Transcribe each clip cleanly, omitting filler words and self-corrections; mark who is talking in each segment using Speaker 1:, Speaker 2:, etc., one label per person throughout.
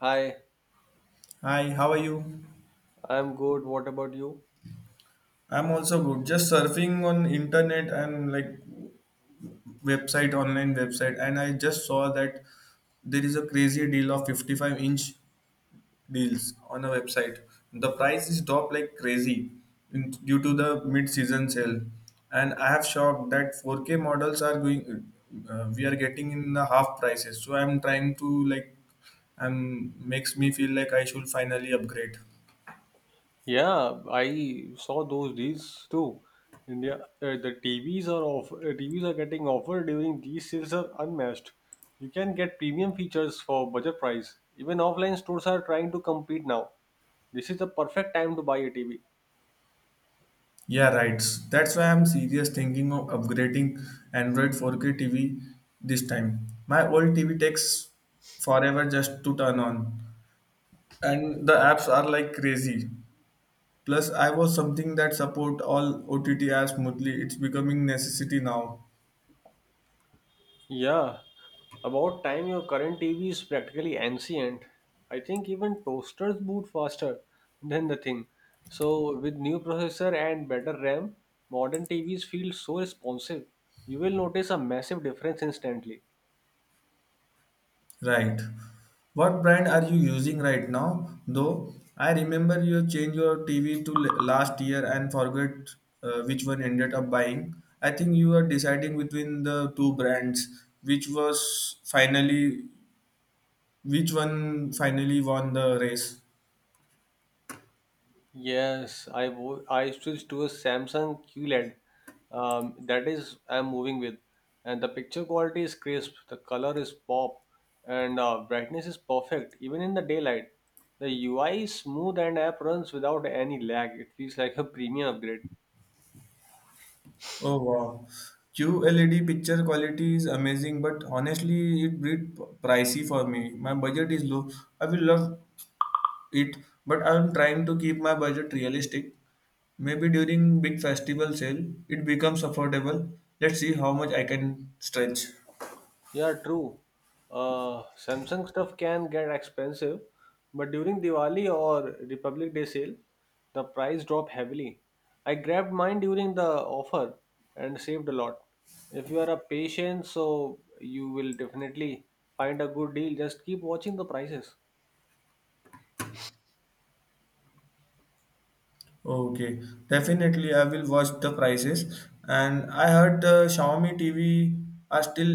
Speaker 1: Hi,
Speaker 2: Hi, how are you?
Speaker 1: I'm good. What about you?
Speaker 2: I'm also good. Just surfing on internet and like website, online website, and I just saw that there is a crazy deal of 55-inch deals on a website. The price is dropped like crazy due to the mid-season sale, and I have shocked that 4K models are going. We are getting in the half prices, so I'm trying to like, makes me feel like I should finally upgrade.
Speaker 1: Yeah, I saw those deals too. India, the TVs are off. TVs are getting offered during these sales are unmatched. You can get premium features for budget price. Even offline stores are trying to compete now. This is the perfect time to buy a TV.
Speaker 2: Yeah, right. That's why I'm serious thinking of upgrading Android 4K TV this time. My old TV takes forever just to turn on, and the apps are like crazy. Plus, I was something that support all OTT apps smoothly. It's becoming necessity now.
Speaker 1: Yeah, about time your current TV is practically ancient. I think even toasters boot faster than the thing. So with new processor and better RAM, modern TVs feel so responsive. You will notice a massive difference instantly.
Speaker 2: Right. What brand are you using right now? Though I remember you changed your TV to last year and forget which one ended up buying. I think you are deciding between the two brands, which one finally won the race.
Speaker 1: Yes, I switched to a Samsung QLED. That is I'm moving with, and the picture quality is crisp, the color is pop, and brightness is perfect even in the daylight. The UI is smooth and app runs without any lag. It feels like a premium upgrade.
Speaker 2: Oh wow. QLED picture quality is amazing, but honestly, it bit pricey for me. My budget is low. I will love it. But I'm trying to keep my budget realistic. Maybe during big festival sale, it becomes affordable. Let's see how much I can stretch.
Speaker 1: Yeah, true. Samsung stuff can get expensive, but during Diwali or Republic Day sale, the price drop heavily. I grabbed mine during the offer and saved a lot. If you are a patient, so you will definitely find a good deal. Just keep watching the prices.
Speaker 2: Okay, definitely I will watch the prices. And I heard the Xiaomi TV are still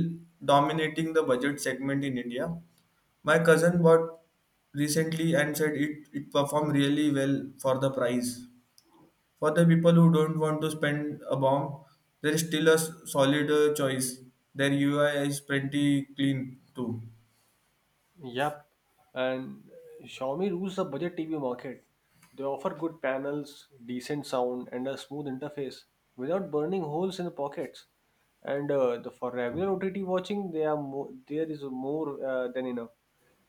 Speaker 2: dominating the budget segment in India. My cousin bought recently and said it performed really well for the price. For the people who don't want to spend a bomb, there is still a solid choice. Their UI is pretty clean too.
Speaker 1: Yep, and Xiaomi rules the budget TV market. They offer good panels, decent sound, and a smooth interface without burning holes in the pockets. And for regular OTT watching, there is more than enough.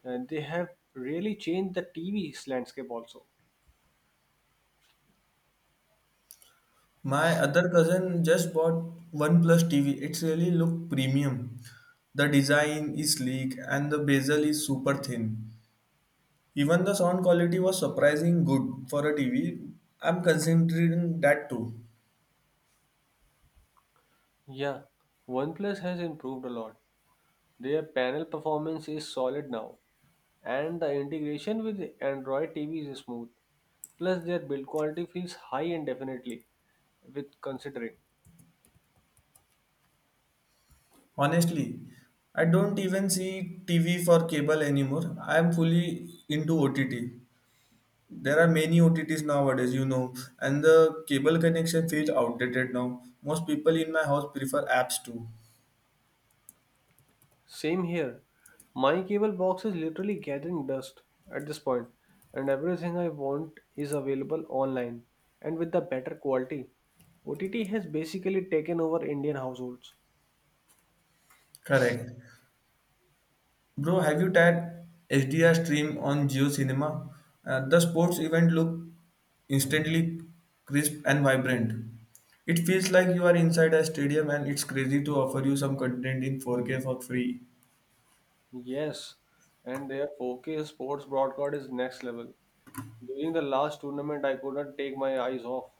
Speaker 1: And they have really changed the TV's landscape also.
Speaker 2: My other cousin just bought OnePlus TV. It's really look premium. The design is sleek and the bezel is super thin. Even the sound quality was surprising good for a TV. I'm considering that too.
Speaker 1: Yeah, OnePlus has improved a lot. Their panel performance is solid now, and the integration with Android TV is smooth. Plus, their build quality feels high and definitely with considering.
Speaker 2: Honestly, I don't even see TV for cable anymore. I'm fully into OTT. There are many OTTs nowadays, and the cable connection feels outdated now. Most people in my house prefer apps too.
Speaker 1: Same here. My cable box is literally gathering dust at this point, and everything I want is available online and with the better quality. OTT has basically taken over Indian households.
Speaker 2: Correct. Bro, have you tried HDR stream on Geo Cinema? The sports event look instantly crisp and vibrant. It feels like you are inside a stadium and it's crazy to offer you some content in 4K for free.
Speaker 1: Yes, and their 4K sports broadcast is next level. During the last tournament, I could not take my eyes off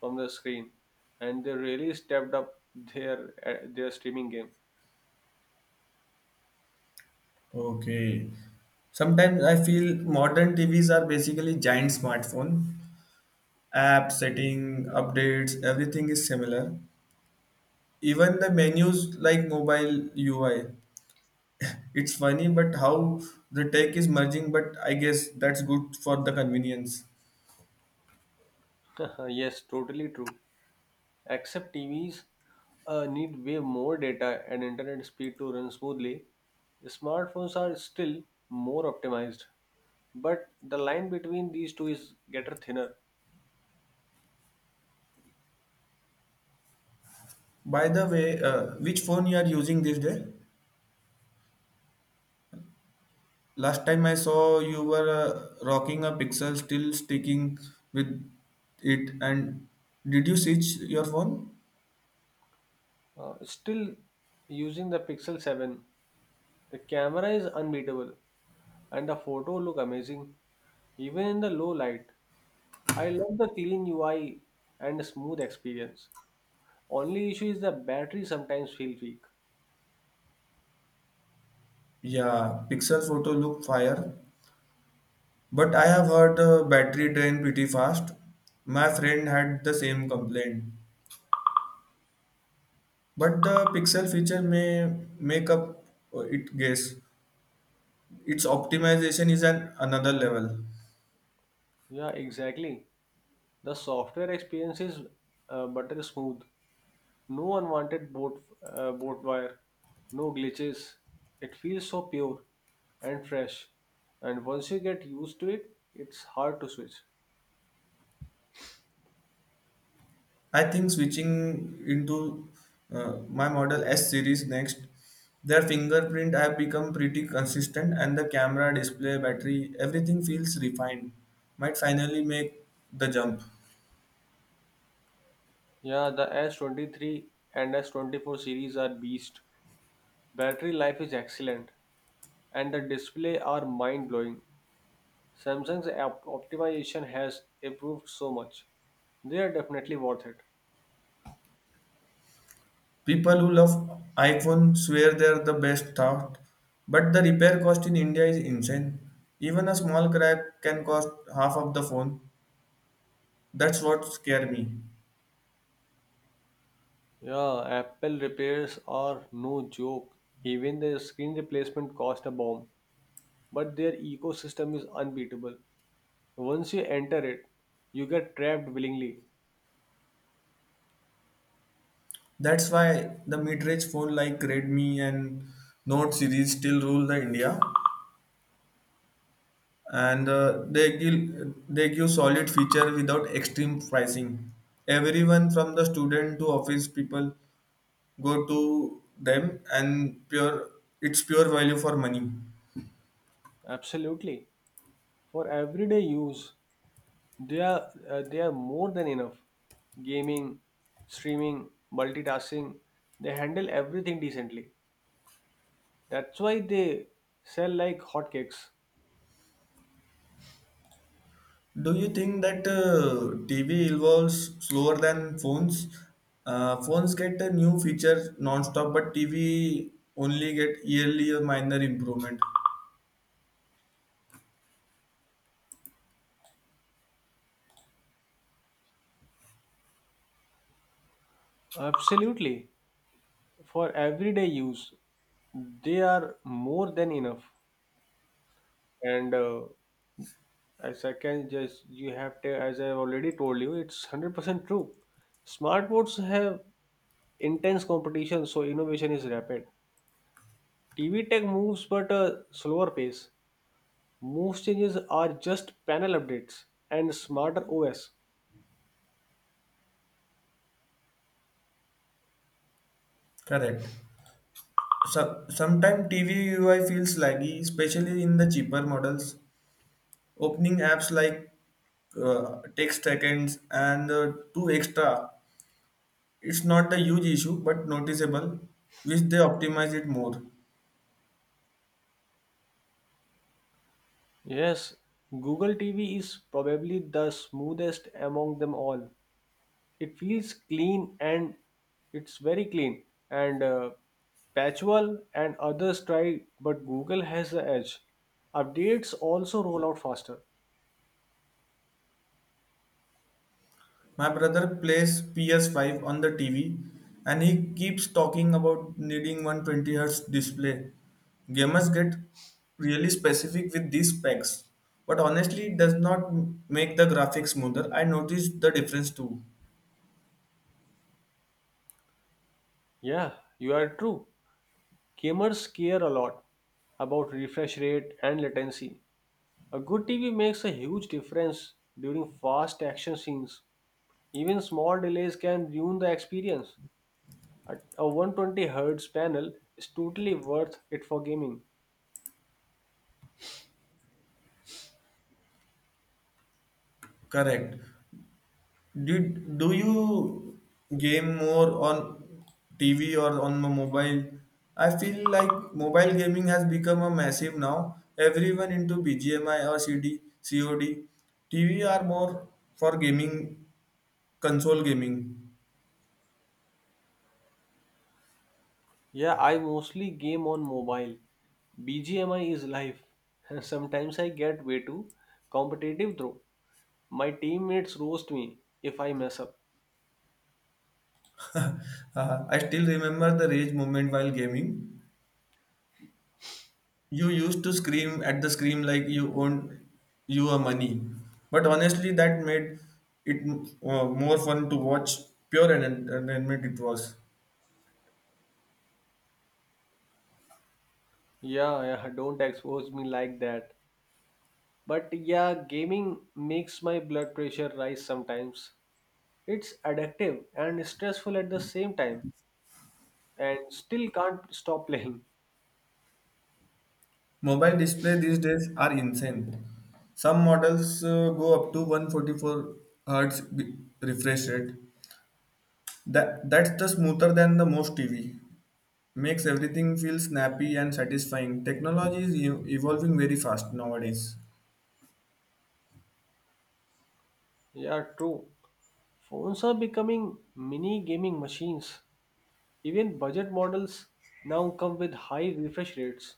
Speaker 1: from the screen, and they really stepped up their streaming game.
Speaker 2: Okay. Sometimes I feel modern TVs are basically giant smartphone. App setting updates everything is similar, even the menus like mobile UI. It's funny but how the tech is merging, but I guess that's good for the convenience.
Speaker 1: Yes, totally true. Except TVs need way more data and internet speed to run smoothly. Smartphones are still more optimized, but the line between these two is getting thinner.
Speaker 2: By the way, which phone you are using this day. Last time I saw you were rocking a Pixel. Still sticking with it? And did you switch your phone?
Speaker 1: Still using the Pixel 7. The camera is unbeatable and the photo look amazing even in the low light. I love the clean UI and smooth experience. Only issue is the battery sometimes feels weak.
Speaker 2: Yeah, Pixel photo look fire. But I have heard the battery drain pretty fast. My friend had the same complaint. But the Pixel feature may make up it guess. Its optimization is an another level.
Speaker 1: Yeah, exactly. The software experience is butter smooth. No unwanted boat wire, no glitches. It feels so pure and fresh. And once you get used to it, it's hard to switch.
Speaker 2: I think switching into my model S series next. Their fingerprint have become pretty consistent and the camera, display, battery, everything feels refined. Might finally make the jump.
Speaker 1: Yeah, the S23 and S24 series are beast. Battery life is excellent and the display are mind-blowing. Samsung's app optimization has improved so much. They are definitely worth it.
Speaker 2: People who love iPhone swear they are the best thought, but the repair cost in India is insane. Even a small crack can cost half of the phone. That's what scare me.
Speaker 1: Yeah, Apple repairs are no joke. Even their screen replacement cost a bomb, but their ecosystem is unbeatable. Once you enter it, you get trapped willingly.
Speaker 2: That's why the mid-range phone like Redmi and Note series still rule the India, and they give solid feature without extreme pricing. Everyone from the student to office people go to them, and pure it's pure value for money.
Speaker 1: Absolutely. For everyday use, they are more than enough. Gaming, streaming, multitasking, they handle everything decently. That's why they sell like hotcakes.
Speaker 2: Do you think that TV evolves slower than phones? Phones get a new feature non-stop, but TV only get yearly or minor improvement.
Speaker 1: Absolutely. For everyday use, they are more than enough. And as I can just you have to, as I've already told you, it's 100% true. Smartboards have intense competition, so innovation is rapid. TV tech moves but a slower pace. Most changes are just panel updates and smarter OS.
Speaker 2: Correct. So, sometimes TV UI feels laggy, especially in the cheaper models. Opening apps like takes seconds and two extra. It's not a huge issue, but noticeable. Wish they optimize it more.
Speaker 1: Yes, Google TV is probably the smoothest among them all. It feels clean and it's very clean. And Patchwell and others try, but Google has the edge. Updates also roll out faster.
Speaker 2: My brother plays PS5 on the TV and he keeps talking about needing 120Hz display. Gamers get really specific with these specs, but honestly, it does not make the graphics smoother. I noticed the difference too.
Speaker 1: Yeah, you are true. Gamers care a lot about refresh rate and latency. A good TV makes a huge difference during fast action scenes. Even small delays can ruin the experience. A 120 Hz panel is totally worth it for gaming.
Speaker 2: Correct. Did do you game more on TV or on the mobile? I feel like mobile gaming has become a massive now. Everyone into BGMI or COD. TV are more for gaming, console gaming.
Speaker 1: Yeah, I mostly game on mobile. BGMI is life. Sometimes I get way too competitive though. My teammates roast me if I mess up.
Speaker 2: I still remember the rage moment while gaming. You used to scream at the scream like you owned you a money. But honestly, that made it more fun to watch. Pure entertainment it was.
Speaker 1: Yeah, yeah, don't expose me like that. But yeah, gaming makes my blood pressure rise sometimes. It's addictive and stressful at the same time, and still can't stop playing.
Speaker 2: Mobile display these days are insane. Some models go up to 144 Hz refresh rate. That's the smoother than the most TV. Makes everything feel snappy and satisfying. Technology is evolving very fast nowadays.
Speaker 1: Yeah, true. Phones are becoming mini gaming machines. Even budget models now come with high refresh rates.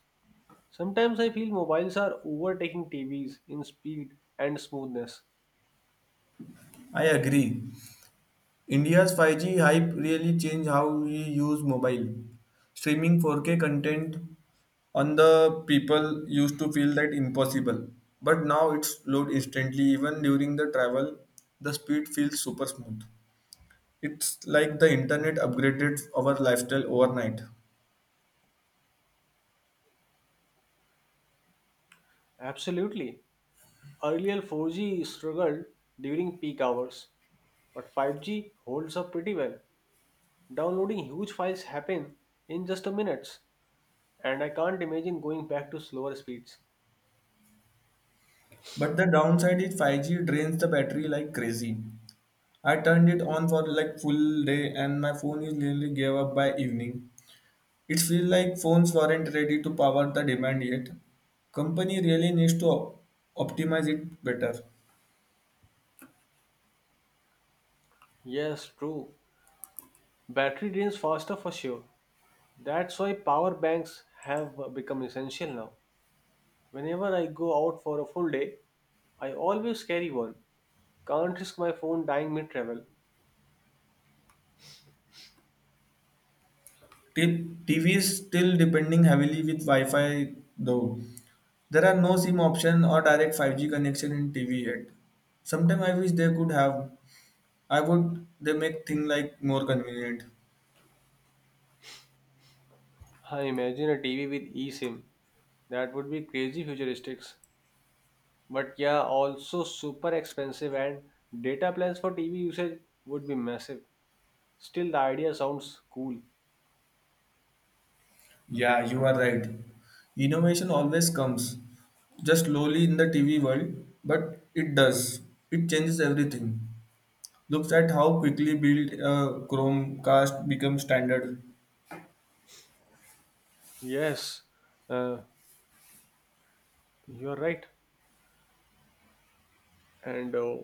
Speaker 1: Sometimes I feel mobiles are overtaking TVs in speed and smoothness.
Speaker 2: I agree. India's 5G hype really changed how we use mobile. Streaming 4K content on the people used to feel that impossible. But now it's load instantly even during the travel. The speed feels super smooth. It's like the internet upgraded our lifestyle overnight.
Speaker 1: Absolutely. Earlier 4G struggled during peak hours, but 5G holds up pretty well. Downloading huge files happen in just a minutes. And I can't imagine going back to slower speeds.
Speaker 2: But the downside is 5G drains the battery like crazy. I turned it on for like full day and my phone is nearly gave up by evening. It feels like phones weren't ready to power the demand yet. Company really needs to optimize it better.
Speaker 1: Yes, true. Battery drains faster for sure. That's why power banks have become essential now. Whenever I go out for a full day, I always carry one. Can't risk my phone dying mid travel.
Speaker 2: TV is still depending heavily with Wi-Fi though. There are no SIM option or direct 5G connection in TV yet. Sometimes I wish they could have. I would they make things like more convenient.
Speaker 1: I imagine a TV with eSIM. That would be crazy futuristics. But yeah, also super expensive and data plans for TV usage would be massive. Still, the idea sounds cool.
Speaker 2: Yeah, you are right. Innovation always comes, just slowly in the TV world, but it does. It changes everything. Looks at how quickly built Chromecast becomes standard.
Speaker 1: Yes, uh, You're right. And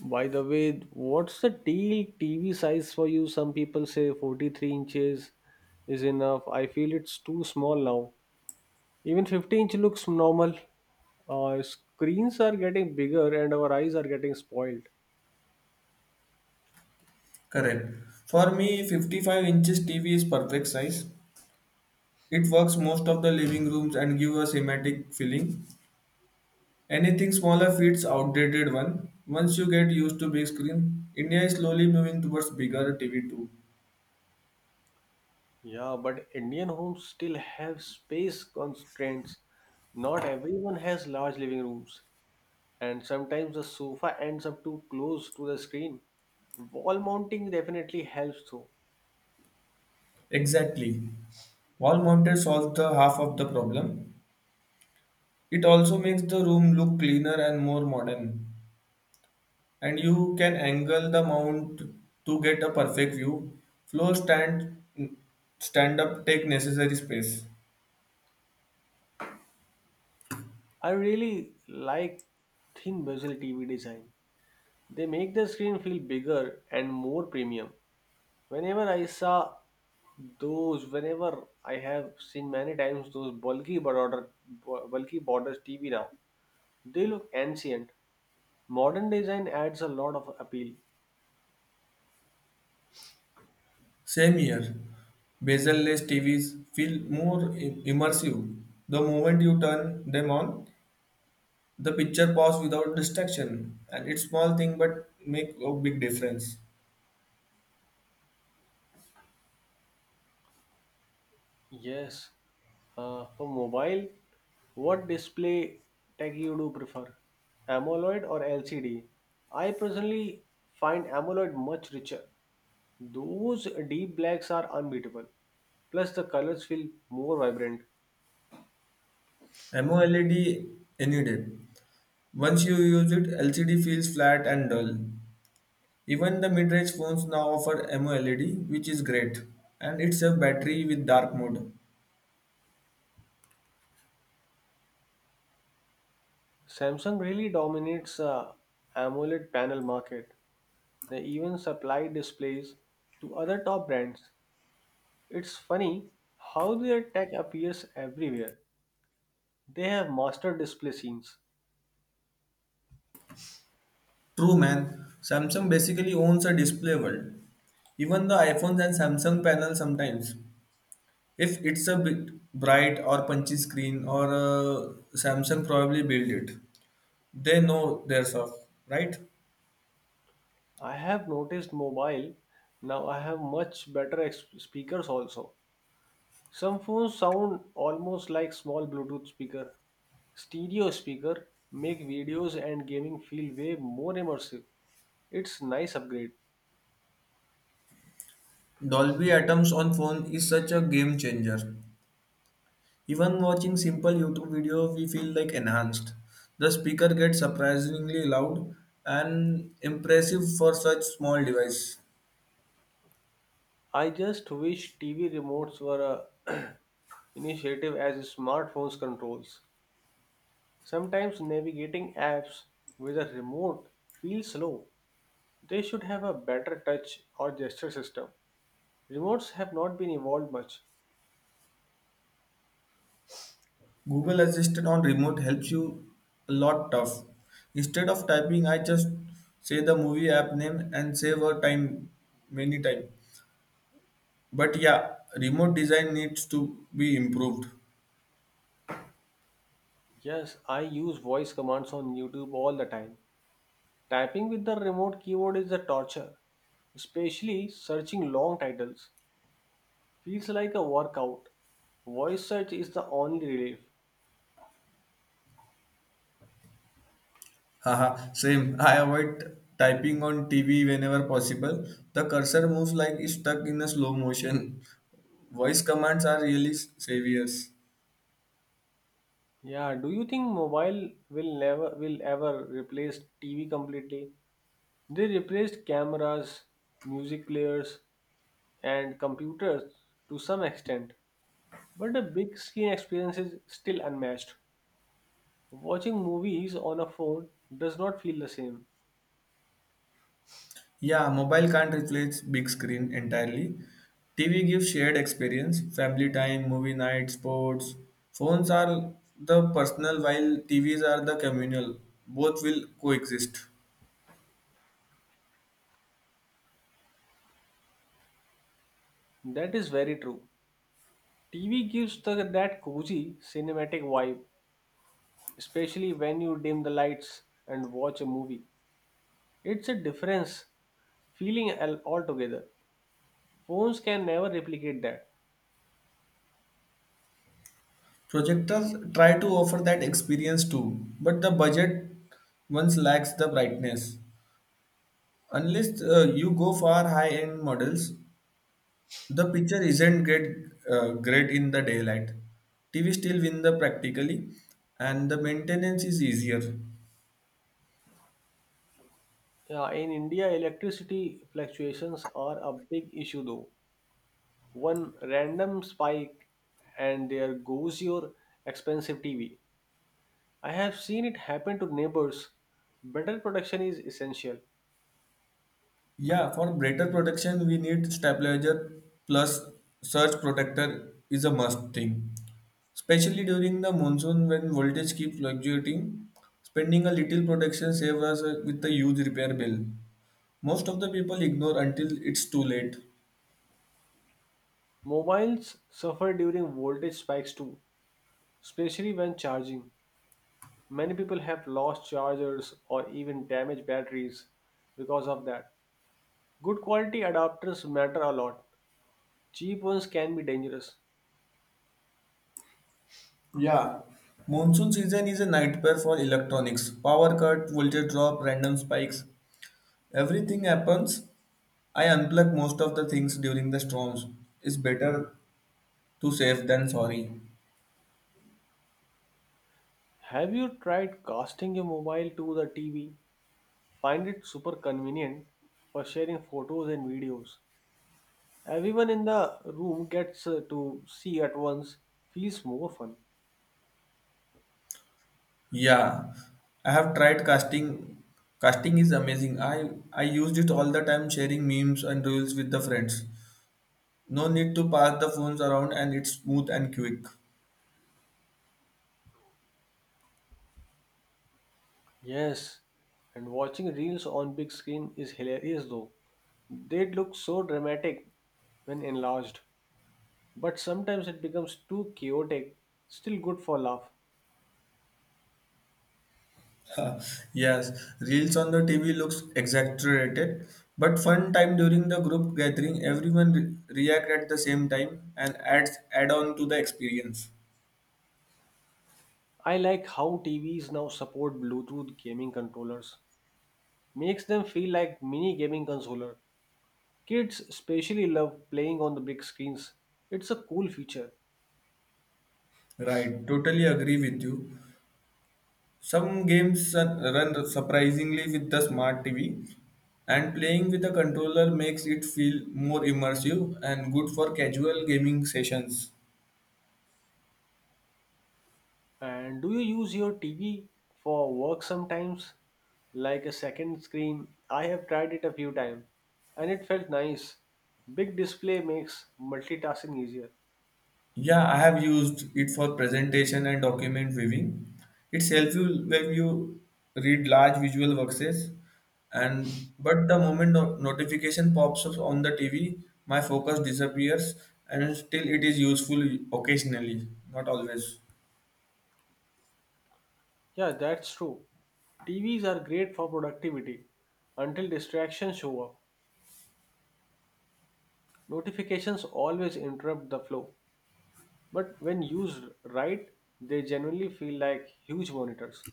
Speaker 1: by the way, what's the deal TV size for you? Some people say 43 inches is enough. I feel it's too small now. Even 50-inch looks normal. Screens are getting bigger and our eyes are getting spoiled.
Speaker 2: Correct. For me, 55 inches TV is perfect size. It works most of the living rooms and give a cinematic feeling. Anything smaller fits outdated one. Once you get used to big screen, India is slowly moving towards bigger TV too.
Speaker 1: Yeah, but Indian homes still have space constraints. Not everyone has large living rooms, and sometimes the sofa ends up too close to the screen. Wall mounting definitely helps though.
Speaker 2: Exactly. Wall mounted solves the half of the problem. It also makes the room look cleaner and more modern. And you can angle the mount to get a perfect view. Flow stand up take necessary space.
Speaker 1: I really like thin bezel TV design. They make the screen feel bigger and more premium. Whenever I saw whenever I have seen many times those bulky borders TV now, they look ancient. Modern design adds a lot of appeal.
Speaker 2: Same here. Bezel-less TVs feel more immersive. The moment you turn them on, the picture pauses without distraction, and it's small thing but make a big difference.
Speaker 1: Yes. For mobile, what display tech you do prefer? AMOLED or LCD? I personally find AMOLED much richer. Those deep blacks are unbeatable. Plus, the colors feel more vibrant.
Speaker 2: MOLED any day. Once you use it, LCD feels flat and dull. Even the mid-range phones now offer MOLED, which is great, and it's a battery with dark mode.
Speaker 1: Samsung really dominates AMOLED panel market. They even supply displays to other top brands. It's funny how their tech appears everywhere. They have mastered display scenes.
Speaker 2: True man, Samsung basically owns a display world. Even the iPhones and Samsung panel sometimes. If it's a bit bright or punchy screen or Samsung probably built it. They know their stuff, right?
Speaker 1: I have noticed mobile. Now I have much better speakers also. Some phones sound almost like small Bluetooth speaker. Stereo speaker make videos and gaming feel way more immersive. It's nice upgrade.
Speaker 2: Dolby Atoms on phone is such a game changer. Even watching simple YouTube video, we feel like enhanced. The speaker gets surprisingly loud and impressive for such small device.
Speaker 1: I just wish TV remotes were a initiative as smartphones controls. Sometimes navigating apps with a remote feels slow. They should have a better touch or gesture system. Remotes have not been evolved much.
Speaker 2: Google Assistant on remote helps you a lot tough. Instead of typing, I just say the movie app name and save our time many time. But yeah, remote design needs to be improved.
Speaker 1: Yes, I use voice commands on YouTube all the time. Typing with the remote keyboard is a torture, especially searching long titles. Feels like a workout. Voice search is the only relief.
Speaker 2: Haha, same. I avoid typing on TV whenever possible. The cursor moves like it's stuck in a slow motion. Voice commands are really saviors.
Speaker 1: Yeah, do you think mobile will never will ever replace TV completely? They replaced cameras, music players, and computers to some extent, but the big screen experience is still unmatched. Watching movies on a phone does not feel the same.
Speaker 2: Yeah, mobile can't replace big screen entirely. TV gives shared experience, family time, movie night, sports. Phones are the personal while TVs are the communal. Both will coexist.
Speaker 1: That is very true. TV gives the, that cozy cinematic vibe, especially when you dim the lights and watch a movie. It's a difference feeling altogether. Phones can never replicate that.
Speaker 2: Projectors try to offer that experience too, but the budget once lacks the brightness. Unless you go for high-end models, the picture isn't great, great in the daylight. TV still win the practically, and the maintenance is easier.
Speaker 1: Yeah, in India, electricity fluctuations are a big issue though. One random spike and there goes your expensive TV. I have seen it happen to neighbors. Better protection is essential.
Speaker 2: Yeah, for better protection, we need stabilizer plus surge protector is a must thing. Especially during the monsoon when voltage keeps fluctuating, spending a little protection saves us with a huge repair bill. Most of the people ignore until it's too late.
Speaker 1: Mobiles suffer during voltage spikes too, especially when charging. Many people have lost chargers or even damaged batteries because of that. Good quality adapters matter a lot. Cheap ones can be dangerous.
Speaker 2: Yeah, monsoon season is a nightmare for electronics. Power cut, voltage drop, random spikes. Everything happens. I unplug most of the things during the storms. It's better to save than sorry.
Speaker 1: Have you tried casting your mobile to the TV? Find it super convenient for sharing photos and videos. Everyone in the room gets to see at once, feels more fun.
Speaker 2: Yeah, I have tried casting. Casting is amazing. I used it all the time sharing memes and reels with the friends. No need to pass the phones around and it's smooth and quick.
Speaker 1: Yes, and watching reels on big screen is hilarious though. They look so dramatic when enlarged, but sometimes it becomes too chaotic, still good for laugh.
Speaker 2: Yes, reels on the TV looks exaggerated, but fun time during the group gathering, everyone react at the same time and add on to the experience.
Speaker 1: I like how TVs now support Bluetooth gaming controllers. Makes them feel like mini gaming controller. Kids especially love playing on the big screens. It's a cool feature.
Speaker 2: Right, totally agree with you. Some games run surprisingly with the smart TV, and playing with a controller makes it feel more immersive and good for casual gaming sessions.
Speaker 1: And do you use your TV for work sometimes? Like a second screen? I have tried it a few times and it felt nice. Big display makes multitasking easier.
Speaker 2: Yeah, I have used it for presentation and document viewing. It's helpful when you read large visual works, and but the moment notification pops up on the TV, my focus disappears, and still it is useful occasionally, not always.
Speaker 1: Yeah, that's true. TVs are great for productivity until distractions show up. Notifications always interrupt the flow, but when used right, they generally feel like huge monitors.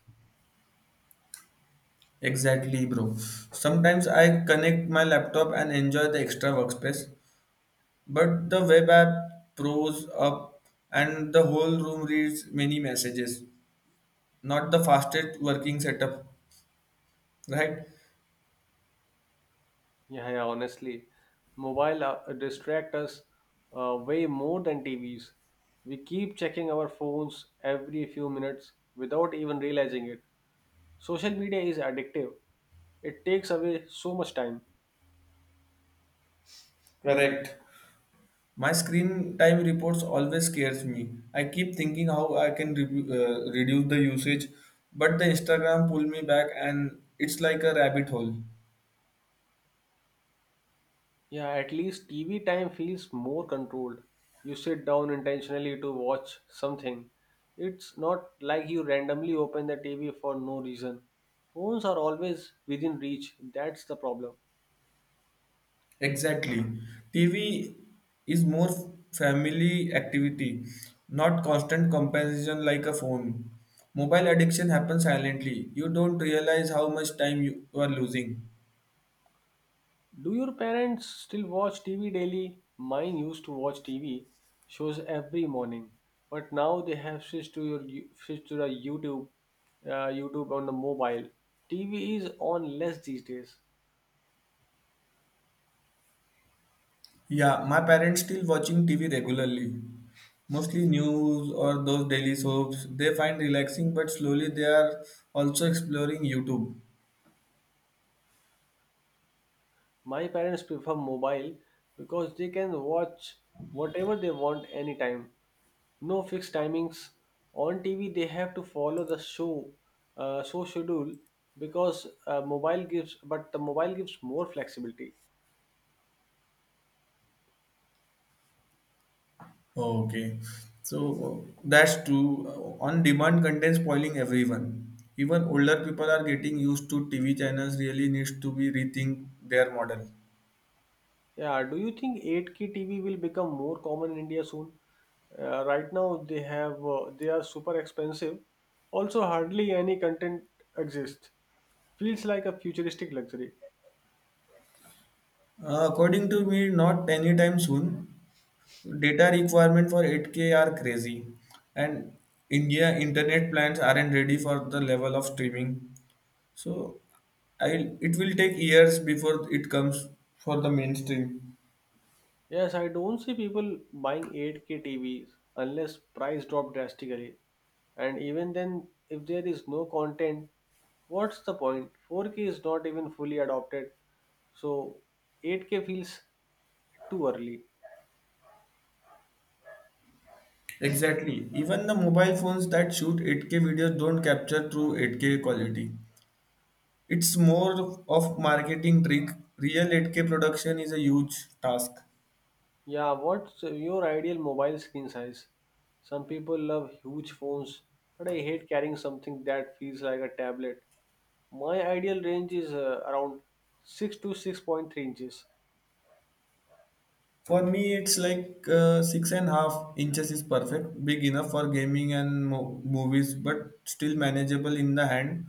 Speaker 2: Exactly, bro. Sometimes I connect my laptop and enjoy the extra workspace, but the web app pros up and the whole room reads many messages. Not the fastest working setup, right?
Speaker 1: Yeah, yeah, honestly, mobile distract us way more than TVs. We keep checking our phones every few minutes without even realizing it. Social media is addictive. It takes away so much time.
Speaker 2: Correct. My screen time reports always scares me. I keep thinking how I can reduce the usage, but the Instagram pull me back and it's like a rabbit hole.
Speaker 1: Yeah, at least TV time feels more controlled. You sit down intentionally to watch something. It's not like you randomly open the TV for no reason. Phones are always within reach. That's the problem.
Speaker 2: Exactly. TV is more family activity, not constant comparison like a phone. Mobile addiction happens silently. You don't realize how much time you are losing.
Speaker 1: Do your parents still watch TV daily? Mine used to watch TV shows every morning, but now they have switched to the YouTube, YouTube on the mobile. TV is on less these days.
Speaker 2: Yeah, my parents still watching TV regularly, mostly news or those daily soaps. They find relaxing, but slowly they are also exploring YouTube.
Speaker 1: My parents prefer mobile because they can watch whatever they want anytime. No fixed timings. On TV, they have to follow the show schedule because mobile gives, but the mobile gives more flexibility.
Speaker 2: Okay, so that's true. On demand content spoiling everyone. Even older people are getting used to TV channels. Really needs to be rethink their model.
Speaker 1: Yeah, do you think 8K TV will become more common in India soon? Right now they have they are super expensive. Also hardly any content exists. Feels like a futuristic luxury.
Speaker 2: According to me, not anytime soon. Data requirement for 8K are crazy, and India internet plans aren't ready for the level of streaming. So, I it will take years before it comes for the mainstream.
Speaker 1: Yes, I don't see people buying 8K TVs unless price drop drastically. And even then if there is no content, what's the point? 4K is not even fully adopted. So 8K feels too early.
Speaker 2: Exactly. Even the mobile phones that shoot 8K videos don't capture true 8K quality. It's more of marketing trick. Real 8K production is a huge task.
Speaker 1: Yeah, what's your ideal mobile screen size? Some people love huge phones, but I hate carrying something that feels like a tablet. My ideal range is around 6 to 6.3 inches.
Speaker 2: For me, it's like 6.5 inches is perfect, big enough for gaming and movies, but still manageable in the hand.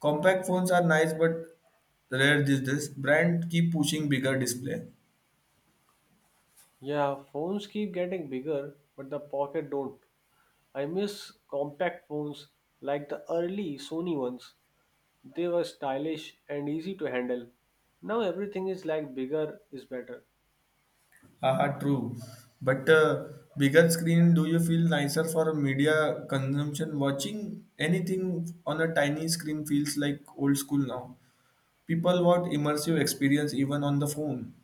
Speaker 2: Compact phones are nice, but rare these days. Brand keep pushing bigger display.
Speaker 1: Yeah, phones keep getting bigger, but the pocket don't. I miss compact phones like the early Sony ones. They were stylish and easy to handle. Now everything is like bigger is better.
Speaker 2: Haha, true. But bigger screen, do you feel nicer for media consumption? Watching anything on a tiny screen feels like old school now. People want immersive experience even on the phone.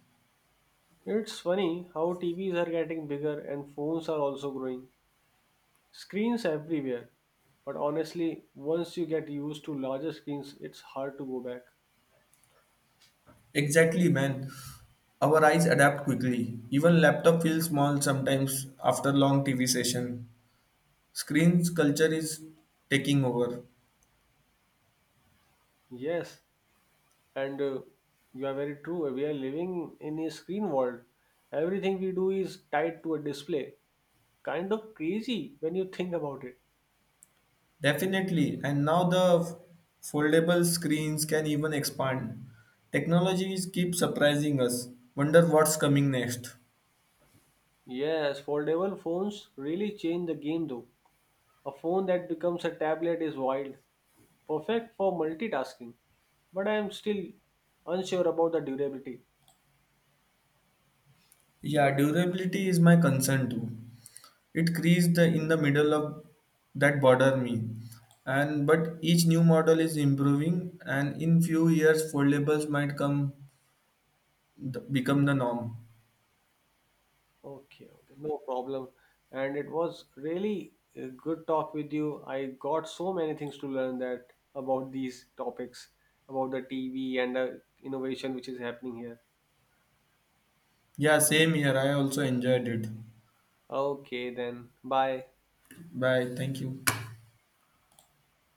Speaker 1: It's funny how TVs are getting bigger and phones are also growing. Screens everywhere. But honestly, once you get used to larger screens, it's hard to go back.
Speaker 2: Exactly, man. Our eyes adapt quickly. Even laptop feels small sometimes after long TV session. Screens culture is taking over.
Speaker 1: Yes, and you are very true. We are living in a screen world. Everything we do is tied to a display. Kind of crazy when you think about it.
Speaker 2: Definitely. And now the foldable screens can even expand. Technologies keep surprising us. Wonder what's coming next.
Speaker 1: Yes, foldable phones really change the game though. A phone that becomes a tablet is wild, perfect for multitasking, but I am still unsure about the durability.
Speaker 2: Yeah, durability is my concern too. It creates the in the middle of that bother me. And but each new model is improving and in few years foldables might come become the norm.
Speaker 1: Okay, okay, no problem. And it was really a good talk with you. I got so many things to learn that about these topics, about the TV and the innovation which is happening here.
Speaker 2: Yeah, same here. I also enjoyed it.
Speaker 1: Okay, then bye.
Speaker 2: Bye. Thank you.